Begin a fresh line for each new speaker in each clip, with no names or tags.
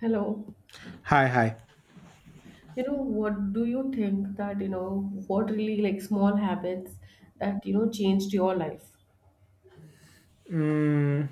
Hello.
Hi, hi.
You know, what do you think that, you know, what really like small habits that, you know, changed your life?
Mm,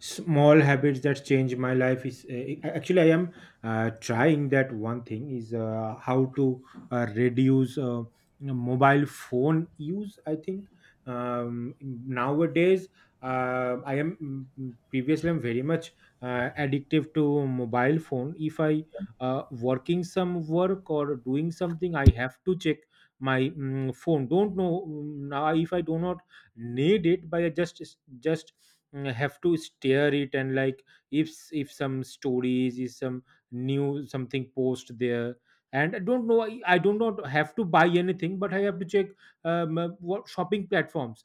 Small habits that change my life is actually I am trying. That one thing is how to reduce mobile phone use. I think nowadays I am, previously I'm very much addictive to mobile phone. If I working some work or doing something, I have to check my phone. Don't know, now if I do not need it, by just have to steer it, and like if some stories is, some new something post there, and I don't know, I do not have to buy anything, but I have to check what shopping platforms.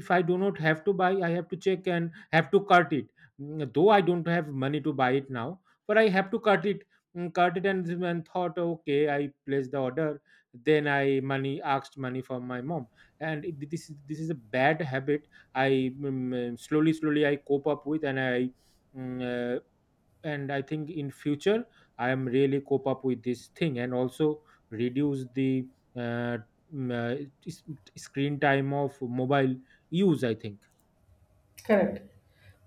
If I do not have to buy, I have to check and have to cart it. Though I don't have money to buy it now, but I have to cart it, cart it, and thought okay, I place the order, then I money asked money from my mom. This is a bad habit. I, slowly slowly I cope up with, and mm, uh, I think in future I am really cope up with this thing, and also reduce the uh, mm, uh, s- screen time of mobile use, I think.
Correct.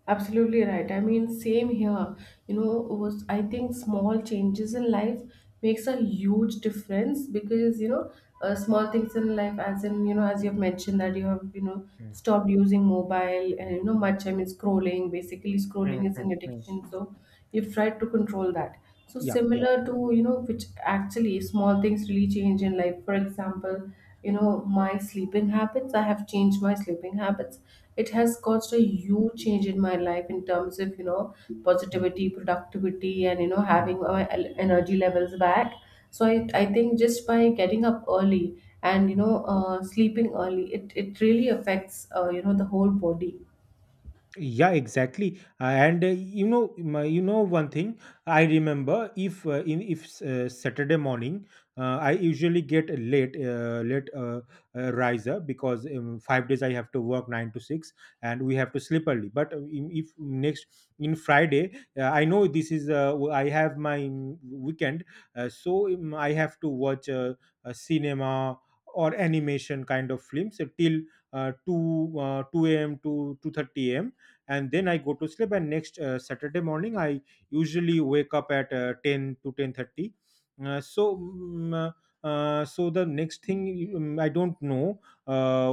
Absolutely right. I mean, same here. You know, was I think small changes in life makes a huge difference because you know, small things in life, as in you know, as you have mentioned that you have you know
Mm,
stopped using mobile and you know
mm,
much. I mean, scrolling. Basically,
mm,
scrolling is
mm,
an
mm.
addiction, so you've tried to control that. So
Yep, yep.
similar to you know, which actually small things really change in life. For example, you know, my sleeping habits, I have changed my sleeping habits. It has caused a huge change in my life in terms of you know
Mm,
positivity, productivity, and you know
mm,
having my energy levels back. So I think just by getting up early and you
mm.
know sleeping early, it really affects you know the whole body.
Yeah, exactly. And one thing. I remember, if in if Saturday morning, I usually get a late, riser, because 5 days I have to work 9 to 6, and we have to sleep early. But in, if next in Friday, I know this is I have my weekend, I have to watch a cinema, or animation kind of films till 2 2 a.m to 2:30 a.m., and then I go to sleep. And next Saturday morning I usually wake up at 10 to 10:30. uh, so mm, uh, the next thing, I don't know, uh,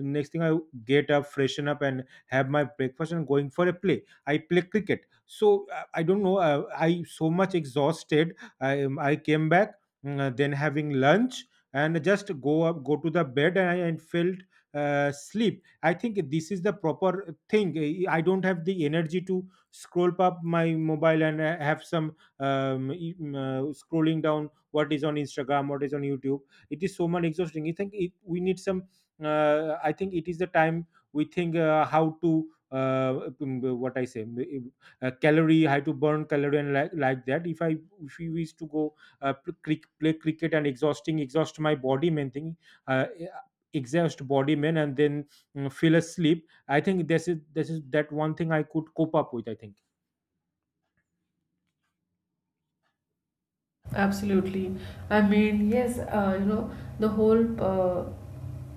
the next thing, I get up, freshen up, and have my breakfast, and going for a play. I play cricket, so I don't know, I so much exhausted, I came back, then having lunch, and just go up, go to the bed, and I and felt sleep. I think this is the proper thing. I don't have the energy to scroll up my mobile, and have some scrolling down what is on Instagram, what is on YouTube. It is so much exhausting. I think we need some I think it is the time we think how to uh, mm, what I say mm, calorie, how to burn calorie, and like that, if I if we wish to go play cricket, and exhausting, exhaust my body, main thing, uh, exhaust body, man, and then feel asleep. I think this is, that one thing I could cope up with, I think.
Absolutely. I mean, yes, you know, the whole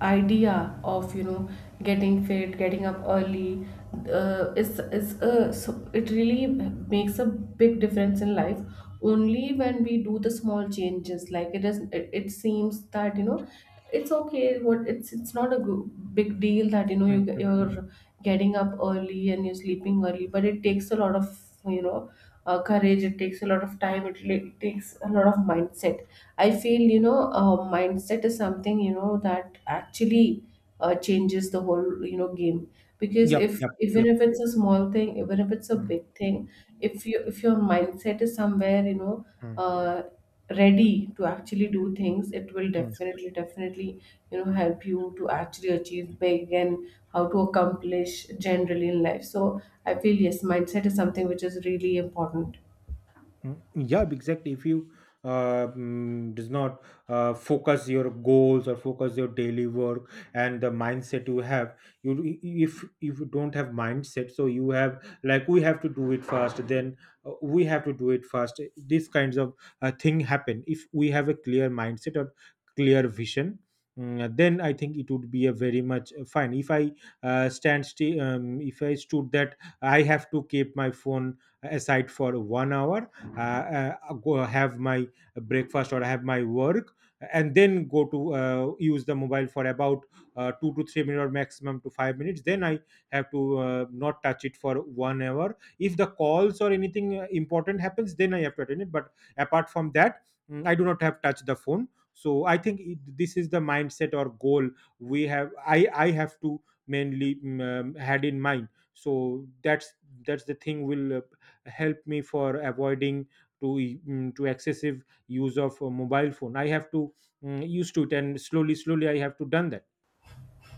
idea of, you
Mm,
know, getting fit, getting up early, is so it really makes a big difference in life only when we do the small changes. Like it is, it seems that, you know, it's okay. What it's not a big deal that you know
mm, mm.
you're getting up early and you're sleeping early, but it takes a lot of you know courage, it takes a lot of time, it it takes a lot of mindset. I feel you know mindset is something you know that actually changes the whole you know game, because
Yep,
if
yep,
even
yep.
if it's a small thing, even if it's a
Mm,
big thing, if you if your mindset is somewhere you know
mm,
uh, ready to actually do things, it will
mm.
definitely you know help you to actually achieve big and how to accomplish generally in life. So I feel, yes, mindset is something which is really important.
Mm, yeah, exactly. If you does not focus your goals, or focus your daily work, and the mindset you have, you, if you don't have mindset, so you have, like, we have to do it fast, then we have to do it fast. These kinds of thing happen if we have a clear mindset or clear vision. Then I think it would be a very much fine. If I stood that I have to keep my phone aside for 1 hour, uh, go have my breakfast or have my work, and then go to use the mobile for about 2 to 3 minutes, or maximum to 5 minutes, then I have to not touch it for 1 hour. If the calls or anything important happens, then I have to attend it, but apart from that, I do not have touched the phone. So I think this is the mindset or goal we have. I have to mainly had in mind, so that's that's the thing will help me for avoiding to, excessive use of mobile phone. I have to used to it, and slowly slowly I have to done that.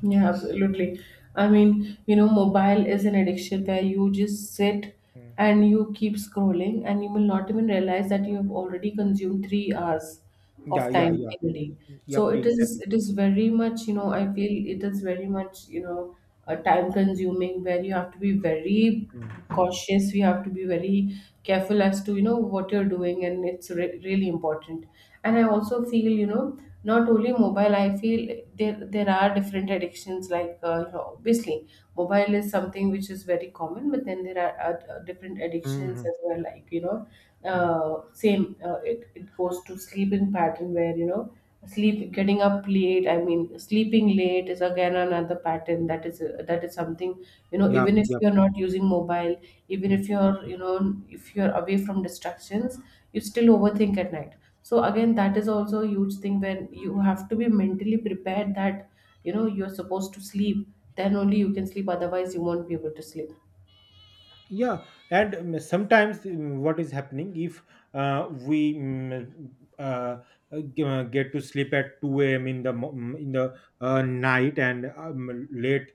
Yeah, absolutely. I mean, you know, mobile is an addiction where you just sit
Mm.
and you keep scrolling, and you will not even realize that you have already consumed 3 hours
Yeah,
of
yeah,
time
yeah.
in a day. So
Yep, exactly.
it is very much, you know, I feel it is very much, you know, time consuming, where you have to be very
Mm.
cautious, we have to be very careful as to you know what you're doing, and it's really important. And I also feel, you know, not only mobile, I feel there are different addictions like you know, obviously mobile is something which is very common, but then there are different addictions
Hmm.
as well, like you know, it goes to sleep in pattern where you know sleep, getting up late, I mean sleeping late is again another pattern. That is something you know,
Yep,
even if
yep.
you're not using mobile, even if you're you know, if you're away from distractions, you still overthink at night. So again, that is also a huge thing, when you have to be mentally prepared that you know you're supposed to sleep, then only you can sleep, otherwise you won't be able to sleep.
Yeah, and sometimes what is happening, if uh, we mm, uh, get to sleep at 2 a.m in the night, and late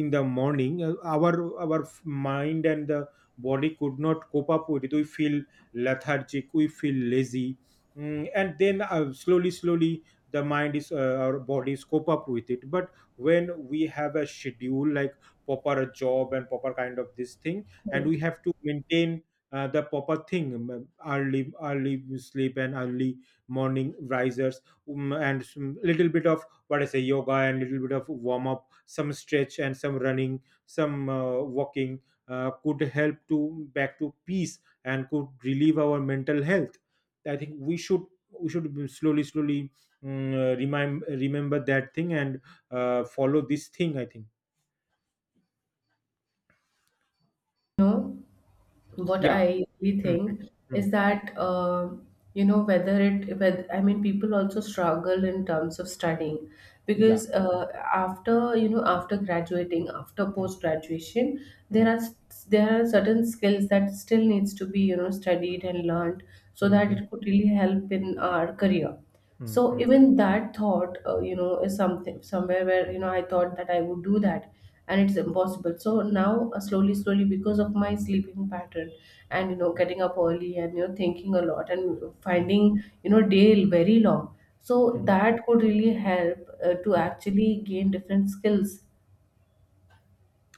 in the morning our mind and the body could not cope up with it. We feel lethargic, we feel lazy. Mm, and then slowly slowly the mind is our bodies cope up with it. But when we have a schedule like proper job and proper kind of this thing, and we have to maintain the proper thing, early early sleep and early morning risers, and some little bit of what I say yoga, and little bit of warm up, some stretch and some running, some walking, could help to back to peace, and could relieve our mental health, I think. We should, be slowly slowly remind remember that thing, and follow this thing, I think.
No, what
Yeah.
I really
Mhm.
think is
Mm.
that you know, whether, I mean people also struggle in terms of studying
Yeah.
because after you know, after graduating, after post graduation, there
Mm.
are there are certain skills that still needs to be you know studied and learned, so
嗯
that
哼，
it could really help in our career.
嗯
So
嗯
even that thought you know is something somewhere where you know I thought that I would do that and it's impossible. So now slowly slowly, because of my sleeping pattern and you know getting up early and you know thinking a lot and
嗯
finding you know day very long, so
嗯
that could really help to actually gain different skills.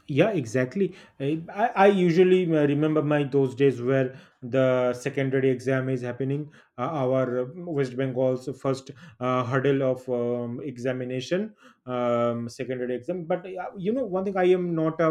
Yeah, exactly. I usually remember my those days where the secondary exam is happening, our West Bengal's first hurdle of examination, secondary exam. But you know one thing, I am not a,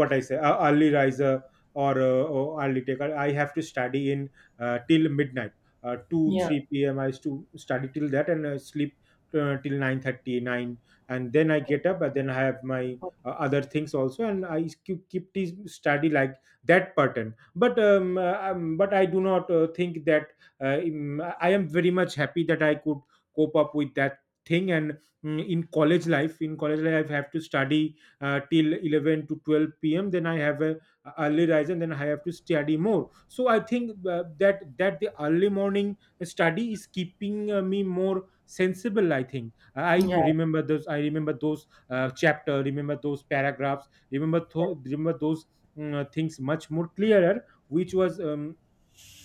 what I say, a early riser or early taker. I have to study in till midnight, 2
Yeah.
3 p.m I used to study till that, and sleep till 9:39, and then I get up, and then I have my other things also, and I keep this study like that pattern. But but I do not think that, I am very much happy that I could cope up with that thing. And in college life, I have to study till 11 to 12 p.m, then I have a early rise, and then I have to study more. So I think that the early morning study is keeping me more sensible, I think.
Yeah.
I remember those chapter, remember those paragraphs, remember
Correct,
remember those things much more clearer, which was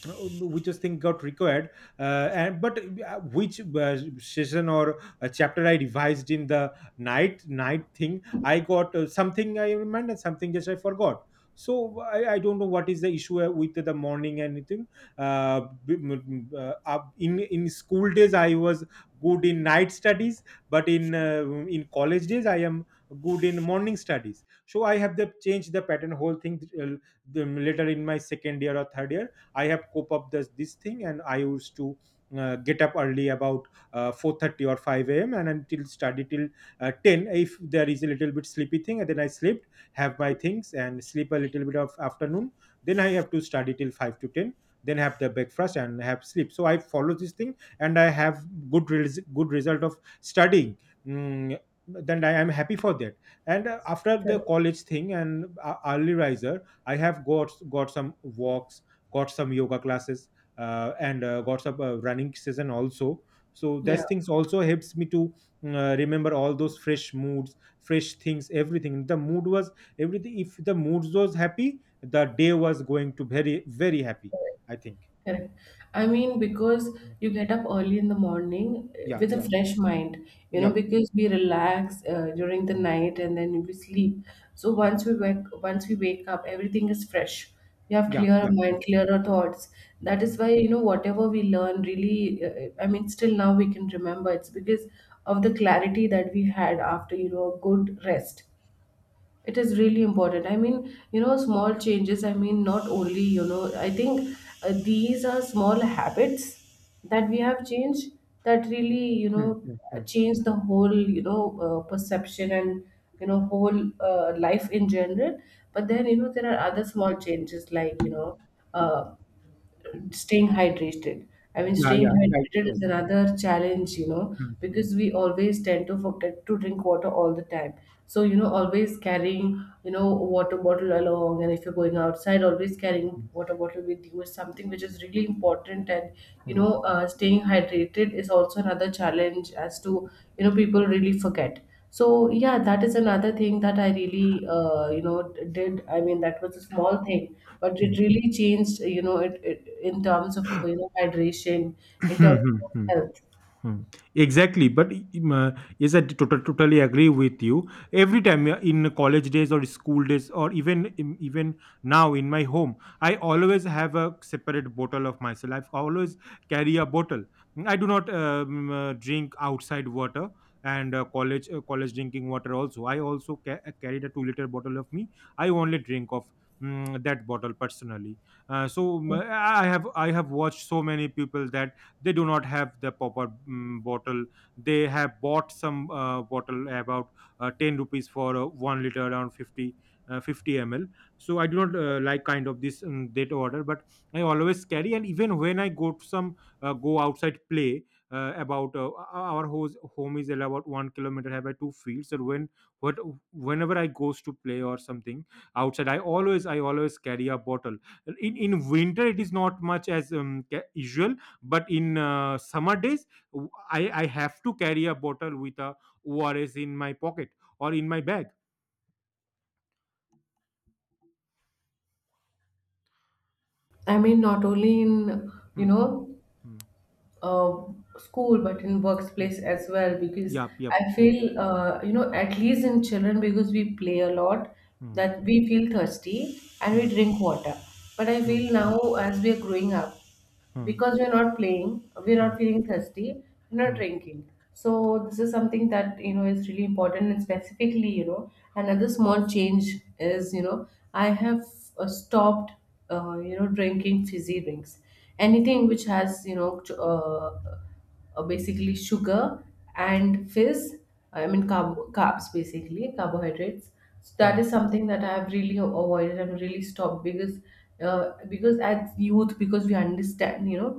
uh, which just thing got required. And but which session or a chapter I revised in the night, night thing, I got something, I remembered something, just I forgot. So I don't know what is the issue with the morning and anything, in school days I was good in night studies, but in college days I am good in morning studies. So I have the changed the pattern, whole thing. Later, in my second year or third year, I have cope up this thing. And I used to get up early about 4:30 or 5 a.m, and until study till 10, if there is a little bit sleepy thing, and then I slept, have my things, and sleep a little bit of afternoon, then I have to study till 5 to 10, then have the breakfast and have sleep. So I follow this thing, and I have good good result of studying. Mm, then I am happy for that. And after the
correct.
college thing, and early riser, I have got some walks, got some yoga classes, and got some running session also. So
Yeah.
those things also helps me to remember all those fresh moods, fresh things, everything. The mood was everything. If the mood was happy, the day was going to very very happy, I think.
Correct. I mean, because
Mm.
you get up early in the morning, eh,
Yeah,
with a
yeah,
fresh mind, you know,
yep.
because we relax during the
Mm,
night and then we sleep. So
mm.
once we wake up, everything is fresh. We have
Yeah,
clearer
yep, yep.
mind, clearer thoughts. That is
Mm,
why, you know, whatever we learn really, I mean, still now we can remember. It's because of the clarity that we had after, you know, a good rest. It is really important. I mean, you know, small changes. I mean, not only, you know, I think these are small habits that we have changed that really, you
mm,
know,
mm, mm.
change the whole, you know, perception and, you know, whole life in general. But then, you know, there are other small changes like, you know, uh, staying hydrated. I mean,
Yeah,
staying
yeah, right,
hydrated
right.
is another challenge, you know,
Mm, mm,
because we always tend to forget to drink water all the time. So, you know, always carrying, you know, a water bottle along, and if you're going outside, always carrying water bottle with you is something which is really important. And, you
mm.
know, staying hydrated is also another challenge as to, you know, people really forget. So yeah, that is another thing that I really, you know, did. I mean, that was a small thing, but it really changed, you know, it in terms of you know hydration, in terms of
Mm.
health.
Hmm. Exactly, but yes, I totally agree with you. Every time in college days or school days, or even even now in my home, I always have a separate bottle of myself. I always carry a bottle. I do not drink outside water, and college drinking water also. I also carried a 2 liter bottle of me. I only drink of That bottle, personally. So I have watched so many people that they do not have the proper bottle. They have bought some bottle about 10 rupees for 1 liter, around 50 50 ml. So I do not like kind of this data order, but I always carry. And even when I go to some, go outside play, about our home is about 1 kilometer, have I two fields. And what whenever I goes to play or something outside, I always carry a bottle. In winter it is not much as usual, but in summer days, I have to carry a bottle with a ors in my pocket or in my bag.
I mean, not only in you
Hmm. Hmm.
know
Hmm.
uh, school, but in
Hmm.
workplace as well, because
Yep, yep.
I
Hmm.
feel you know, at least in children, because we play a lot, that we feel thirsty and we
Hmm.
drink water. But I
Hmm.
feel
Hmm.
now as we are growing up,
Hmm.
because we're not playing, we're
Hmm.
not feeling thirsty, we're not
Hmm. Hmm.
drinking. So this is something that you know is really important. And specifically, you know, another small change is you know, I have stopped you know drinking fizzy drinks, anything which has you know basically sugar and fizz. I mean carbs, basically carbohydrates. So that
Hmm.
is something that I have really avoided and really stopped, because as youth, because we understand you know,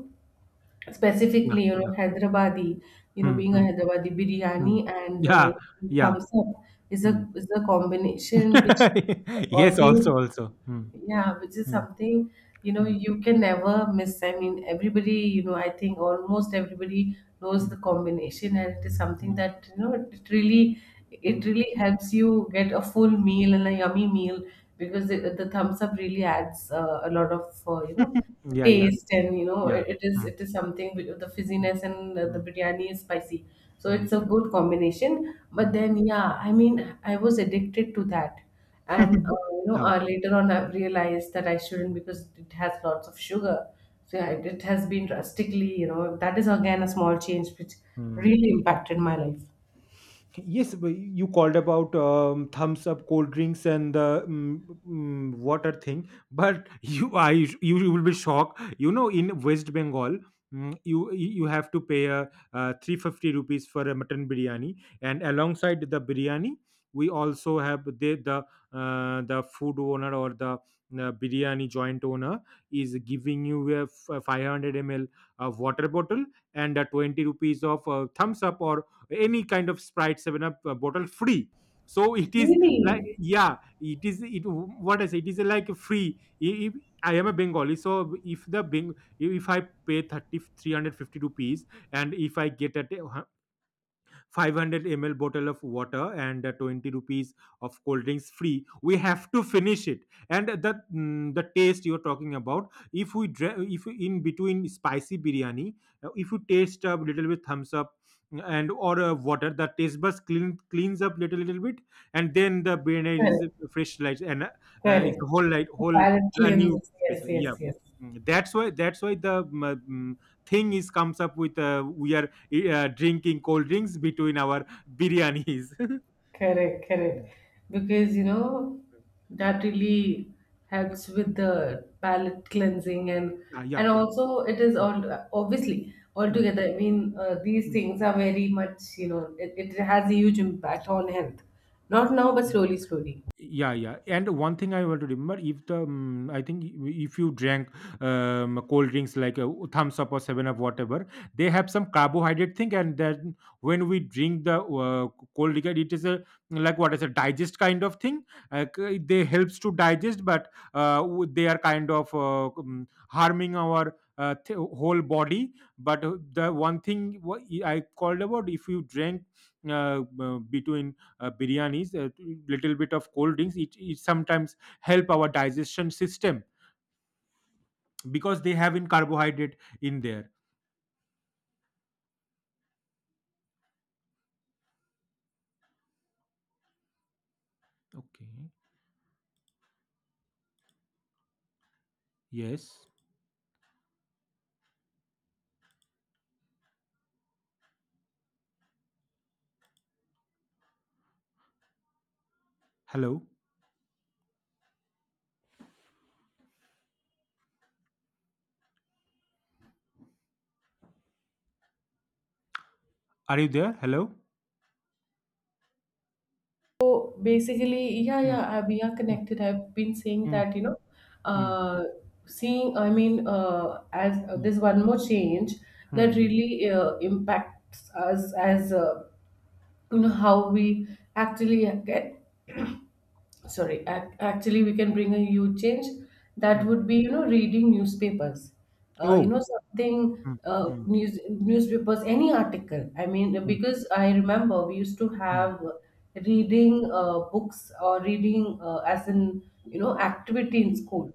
Yeah,
specifically you
yeah.
know hyderabadi, you know
Hmm.
being a
Hmm.
hyderabadi,
Hmm.
biryani and
Yeah, yeah.
thumbs up
Hmm.
is a combination which
Yes,
always,
also. Hmm.
yeah, which is
Hmm.
something, you know,
Hmm.
you can never miss. I mean, everybody, you know, I think almost everybody knows
Hmm.
the combination, and it is something
Hmm.
that, you know, it
Hmm.
really helps you get a full meal and a yummy meal, because the thumbs up really adds a lot of, you know,
Yeah, yeah,
taste and, you know,
yeah. Hmm.
it is something with the fizziness and the
Hmm.
biryani is spicy. So
Hmm. Hmm.
it's a good combination. But
Hmm.
then, yeah, I mean, I was addicted to that and you know
Oh.
later on I realized that I shouldn't, because it has lots of sugar. So yeah, it has been drastically you know, that is again a small change which
Hmm.
really impacted my life.
Yes, but you called about Thumbs Up, cold drinks, and the water thing. But you will be shocked. You know, in West Bengal, you have to pay 350 rupees for a mutton biryani, and alongside the biryani, we also have the food owner, or the biryani joint owner, is giving you a 500 ml of water bottle, and a 20 rupees of Thumbs Up or any kind of Sprite 7Up bottle free. So it is like,
Really.
yeah, it is, it, what I say, it is like free. I am a Bengali, so if the Beng- if I pay thirty three hundred fifty rupees, and if I get at 500 ml bottle of water, and 20 rupees of cold drinks free, we have to finish it. And the taste you're talking about, if we in between spicy biryani, if you taste a little bit Thumbs Up, and or water, the taste buds cleans up little bit. And then the biryani is
Correct,
a fresh light, and it's a
correct.
whole light,
The
whole,
palate
a new
cleanses, yes,
special. Yeah.
yes, yes.
That's why the thing is comes up with, we are drinking cold drinks between our biryanis.
Correct, correct.
Mm.
Because you know that really helps with the palate cleansing. and
Yeah, yeah,
and
yeah.
also it is
Mm.
all obviously
Mm.
altogether. I mean, these
Mm.
things are very much you know, it has a huge impact on health. Not now, but slowly, slowly.
Yeah, yeah, and one thing I want to remember, if the I think, if you drank cold drinks like a Thumbs Up or 7Up, whatever, they have some carbohydrate thing. And then when we drink the cold liquor, it is a, like, what is a digest kind of thing. Like, they helps to digest, but they are kind of harming our whole body. But the one thing I called about, if you drank between biryanis a little bit of cold drinks, it sometimes help our digestion system, because they have in carbohydrate in there. Okay. Yes. Hello. Are you there? Hello.
So basically, yeah,
Mm.
yeah, we are connected. I've been saying
Mm.
that, you know,
Mm.
uh, seeing, I mean, as
Mm.
there's one more change that
Mm.
really impacts us as you know how we actually get sorry actually we can bring a huge change.
Mm.
That
Mm.
would be you know reading newspapers, you
Oh.
know something,
Mm. Mm.
newspapers, any article. I mean
Mm.
because I remember we used to
Mm.
have reading books or reading as an you know activity in school.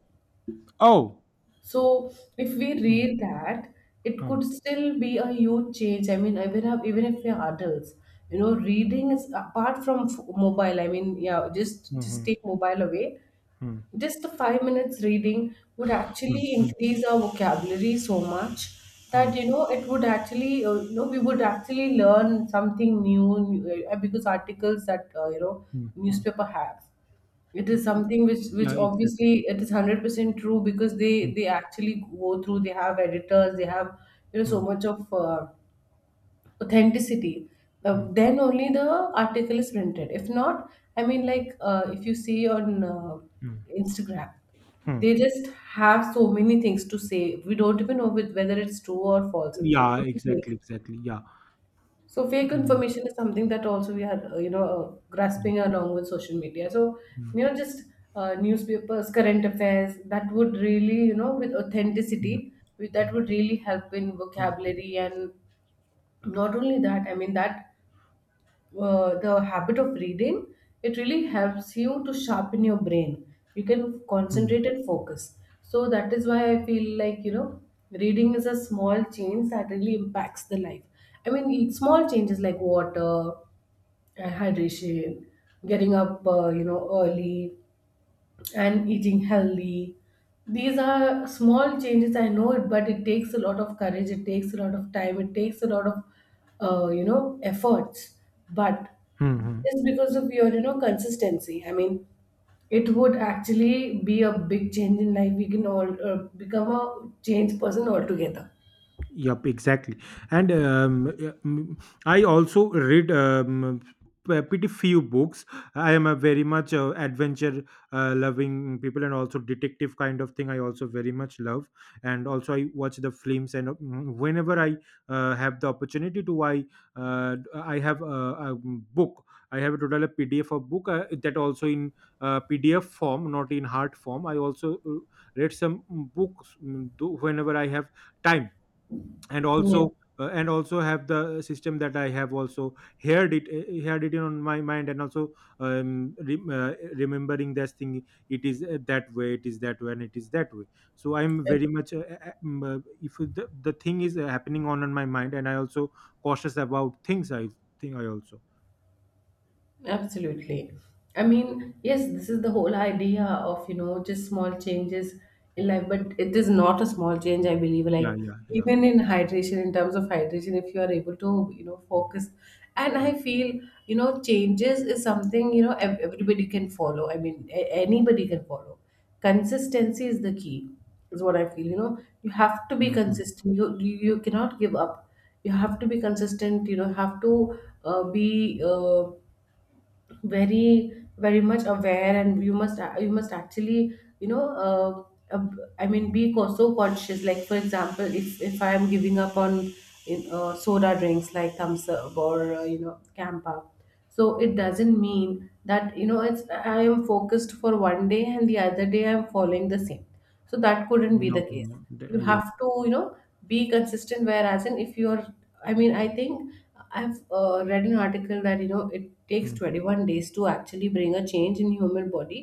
Oh.
So if we
Mm.
read that, it
Mm.
could still be a huge change. I mean, even if we are adults, you know, reading is apart from mobile. I mean, yeah, just
Mm.
take mobile away.
Mm.
Just the 5 minutes reading would
Mm.
actually
Mm.
increase our vocabulary so much
Mm.
that you know it would actually you know we would actually learn something new because articles that you know
Mm. Mm.
newspaper have, it
Mm.
is something which
Yeah, exactly.
obviously it is 100% true, because
Mm.
they actually go through, they have editors, they have you know so
Mm.
much of authenticity.
Mm.
Then only the article is printed, if not, I mean like if you see on
Mm.
Instagram, they
Mm.
just have so many things to say, we don't even know whether it's true or false, it
Yeah,
could be fake.
exactly, exactly, yeah.
So fake
Mm.
information is something that also we are, you know,
Mm.
grasping along with social media. So,
Mm.
just newspapers, current affairs, that would really, with
Mm.
authenticity, that would really help in
Mm.
vocabulary. And not only that, I mean, that the habit of reading it really helps you to sharpen your brain. You can
Mm.
concentrate and focus. So that is why I feel like reading is a small change that really impacts the life. I mean, small changes like water, hydration, getting up early, and eating healthy. These are small changes, I know it, but it takes a lot of courage, it takes a lot of time, it takes a lot of efforts. But
Hmm.
just because of your consistency, I mean, it would actually be a big change in life. We can all become a changed person altogether.
Yep, exactly. And yeah, I also read pretty few books. I am a very much adventure loving people, and also detective kind of thing, I also very much love. And also, I watch the films. And whenever I have the opportunity to, I I have a book. I have a total a PDF of book, that also in PDF form, not in hard form. I also read some books, whenever I have time. And
Yeah.
also have the system that I have also heard it on my mind, and also um, re- uh, remembering this thing. It is, that way it is, that way, and it is that way. So I'm very much, if the thing is happening on my mind, and I also cautious about things, I think I also.
Absolutely. I mean, yes, this is the whole idea of just small changes
Mm.
in life, but it is not a small change, I believe.
Yeah,
Like,
yeah, yeah.
even in hydration, in terms of hydration, if you are able to focus. And I
Mm.
feel changes is something, everybody can follow. I mean, anybody can follow. Consistency is the key, is what I feel. You have to
Mm.
be
Mm. Mhm.
consistent. You cannot give up. You have to be consistent have to be. Very very much aware, and you must actually, I mean, be so conscious. Like for example, if I am giving up on soda drinks like Thumbs Up or Campa. So it doesn't mean that it's I am focused for one day and the other day I am following the same. So that couldn't be the
No,
case.
no,
You
yes.
have to be consistent. Whereas in if you're, I mean, I think I've read an article that it takes
Mm.
21 days to actually bring a change in human body.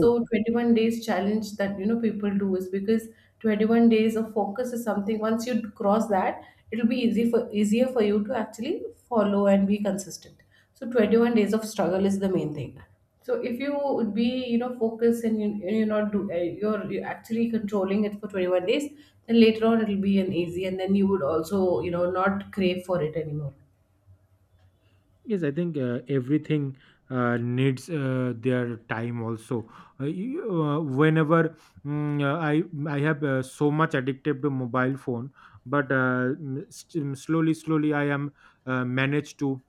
So 21 days challenge that people do is because 21 days of focus is something. Once you cross that, it'll be easy for easier for you to actually follow and be consistent. So 21 days of struggle is the main thing. So if you would be focused, and you, you're not do, you're actually controlling it for 21 days, then later on it'll be an easy, and then you would also not crave for it anymore.
Yes, I think everything needs their time also. Whenever mm, uh, I I have so much addicted to mobile phone. But slowly slowly I am managed to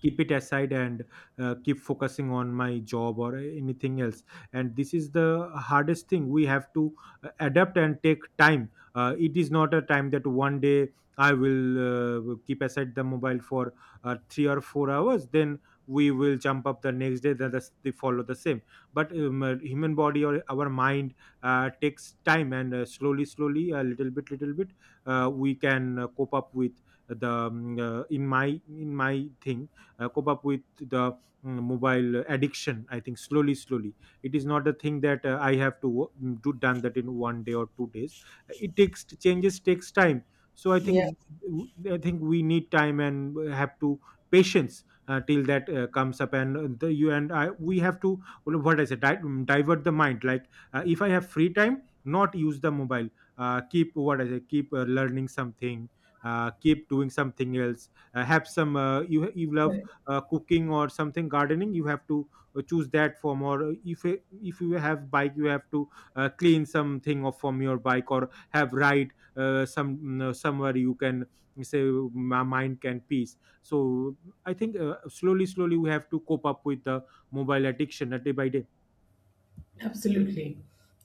keep it aside, and keep focusing on my job, or anything else. And this is the hardest thing we have to adapt and take time. It is not a time that one day I will keep aside the mobile for 3 or 4 hours, then we will jump up the next day, that is- they follow the same. But human body or our mind takes time, and slowly slowly a little bit little bit, we can cope up with the, uh, in my in my thing, cope up with the mobile addiction. I think slowly slowly, it is not a thing that I have to do done that in one day or 2 days. It takes, changes takes time. So i
Yeah.
think i think we need time, and have to patience till that comes up. And you and I, we have to, well, what I say, divert the mind, like if I have free time, not use the mobile, keep, what I say, keep learning something, keep doing something else. Have some, you love cooking or something, gardening, you have to choose that form. Or if if you have bike, you have to clean something off from your bike, or have ride some, somewhere you can say, my mind can peace. So I think slowly slowly we have to cope up with the mobile addiction, day by day.
Absolutely.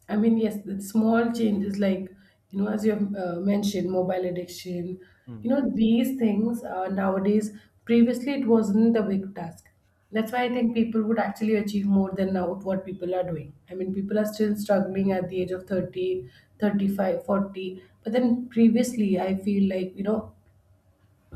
I mean, yes, the small changes like as you have mentioned, mobile addiction,
Mm.
these things nowadays, previously it wasn't a big task. That's why I think people would actually achieve more than now what people are doing. I mean, people are still struggling at the age of 30, 35, 40. But then previously, I feel like, you know,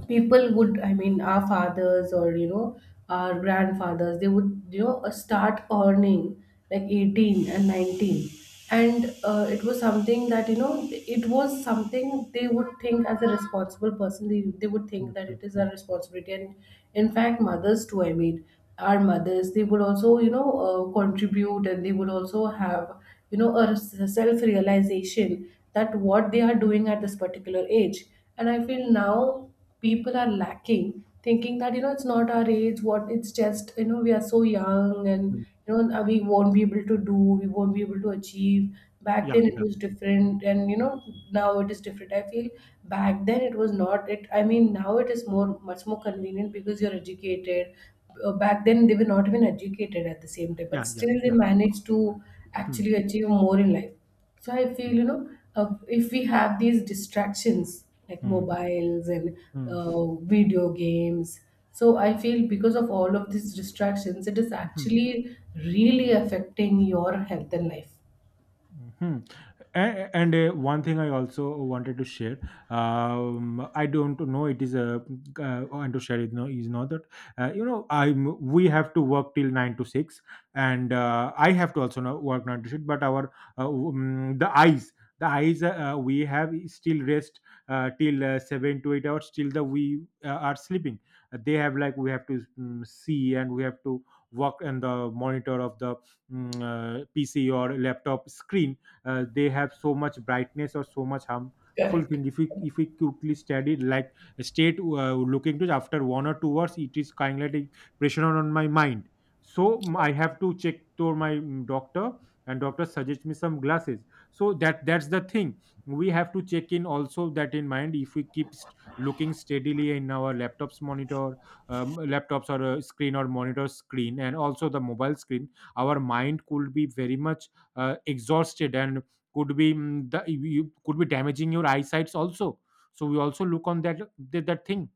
people would I mean, our fathers or our grandfathers, they would start earning like 18 and 19. And it was something they would think. As a responsible person, they would think
Mm.
that it
Mm.
is a
Mm.
responsibility. And in fact mothers too, I mean, our mothers, they would also contribute, and they would also have a self realization that what they are doing at this particular age. And I feel now people are lacking, thinking that it's not our age, what it's just we are so young.
Mm.
And we won't be able to achieve. Back
Yeah,
then it
yeah,
was different, and now it is different, I feel. Back then it was not it I mean now it is more much more convenient because you're educated. Back then they were not even educated at the same time, but
yeah, yeah,
still they
yeah.
managed to
Hmm.
actually achieve more in life. So I feel
Hmm.
if we have these distractions like
Hmm.
mobiles and
Hmm.
video games, so I feel because of all of these distractions, it is
Hmm.
actually really affecting your health and life.
Mhm. And, one thing I also wanted to share, I don't know, it is a, want to share it, no, is not that, you know, I'm we have to work till 9 to 6. And I have to also now work 9 to 6. But our, uh, um, the eyes, the eyes we have, is still rest till 7 to 8 hours, till the we are sleeping. They have, like, we have to see, and we have to work on the monitor of the, PC or laptop screen, they have so much brightness, or so much harmful
Correct.
thing, if we quickly study, like, state looking to after 1 or 2 hours, it is kind of like pressure on my mind. So I have to check to my doctor, and doctor suggests me some glasses. So that's the thing. We have to check in also, that in mind, if we keep looking steadily in our laptops monitor, laptops or screen or monitor screen, and also the mobile screen, our mind could be very much exhausted, and could be, could be damaging your eyesights also. So we also look on that thing.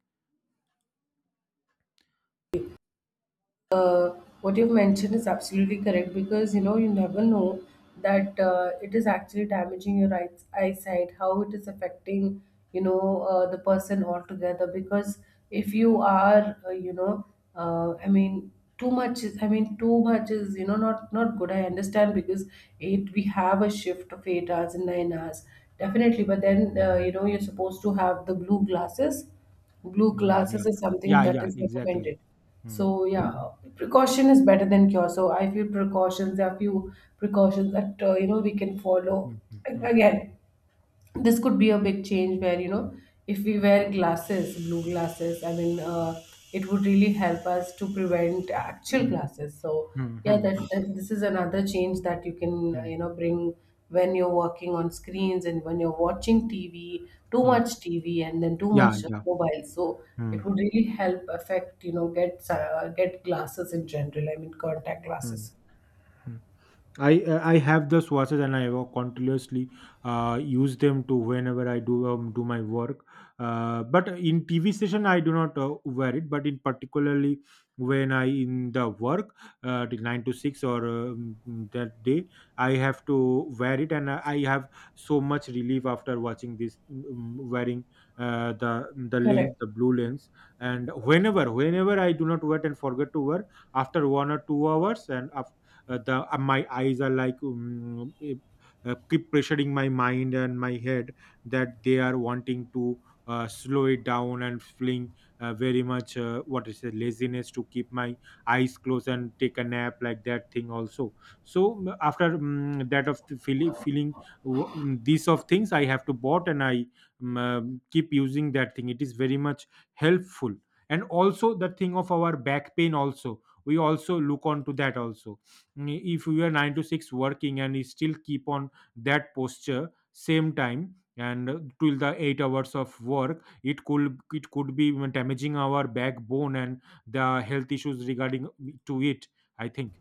uh, what you've mentioned is absolutely correct, because you never know that it is actually damaging your eyesight. How it is affecting, you know the person altogether, because if you are I mean too much is, I mean, too much is not good, I understand. Because eight we have a shift of 8 hours and 9 hours definitely. But then you're supposed to have the blue glasses. Glue
Mm, yeah,
glasses
yeah,
is something
yeah,
that
yeah,
is
exactly.
recommended.
Hmm.
So yeah, precaution is better than cure. So I feel precautions. There are few precautions that we can follow.
Hmm. Hmm. Hmm.
Again, this could be a big change where if we wear glasses, blue glasses, I mean, it would really help us to prevent actual
Hmm.
glasses. So
Hmm. Hmm.
yeah,
Hmm. Hmm.
that,
Hmm.
that this is another change that you can
Hmm.
bring when you're working on screens and when you're watching TV, too
Hmm.
much TV, and then too much
Yeah, yeah.
mobile. So
Hmm.
it would really help affect, get glasses in general, I mean contact
Hmm.
glasses.
Hmm. I have the swatches, and I will continuously use them to whenever I do, do my work. But in TV session I do not wear it. But in particularly when I in the work till 9 to 6, or that day, I have to wear it. And I have so much relief after watching this, wearing uh, the the lens,
Correct.
the blue lens. And whenever I do not wear it and forget to wear, after 1 or 2 hours, and the my eyes are like, keep pressuring my mind and my head, that they are wanting to slow it down, and feeling very much what is it, laziness, to keep my eyes closed and take a nap, like that thing also. So after that, of the feeling, these of things I have to bought. And I mm, um, uh, keep using that thing, it is very much helpful. And also the thing of our back pain, also we also look onto that also. If you are 9 to 6 working, and you still keep on that posture same time, and till the 8 hours of work, it could be even damaging our backbone, and the health issues regarding to it, I think.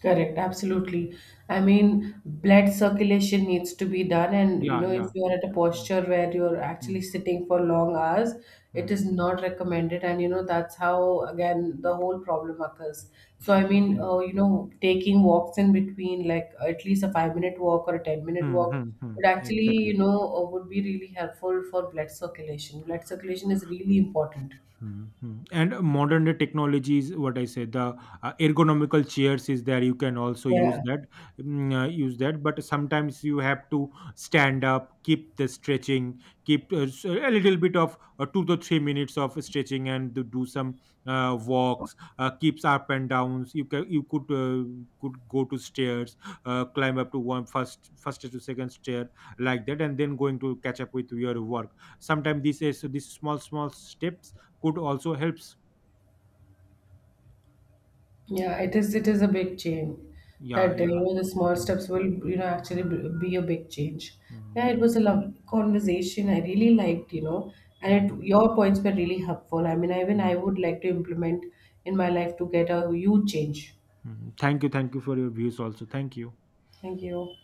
Correct, absolutely. I mean,
Hmm.
blood circulation needs to be done, and
Yeah,
if
yeah.
you are at a
Mm.
posture where you're actually
Mm.
sitting for long hours, it is
Mm.
not recommended. And that's how again the whole problem occurs. So, I mean,
Mm.
taking walks in between, like at least a 5-minute walk or a 10-minute
Mm.
walk,
Mm. Mm.
would actually,
Exactly.
would be really helpful for blood circulation. Blood circulation is really important.
Mhm. And modern day technologies, what I said, the ergonomical chairs is there. You can also use
Yeah.
that, use that. But sometimes you have to stand up, keep the stretching, keep a little bit of 2 to 3 minutes of stretching, and do some walks, keeps up and downs. You could go to stairs, climb up to one, first to second stair, like that, and then going to catch up with your work. Sometimes this is these small small steps could also helps.
Yeah, it is. It is a big change.
Yeah,
That
yeah.
the small
Mm.
steps will actually
Mm.
be a big change. Yeah, it
Mm.
was a lovely conversation. I really liked, you know, and
Mm.
it, your points were really helpful. I mean, even I
Mm.
would like to implement in my life to get a huge change.
Mm. Thank you for your views also. Thank you.
Thank you.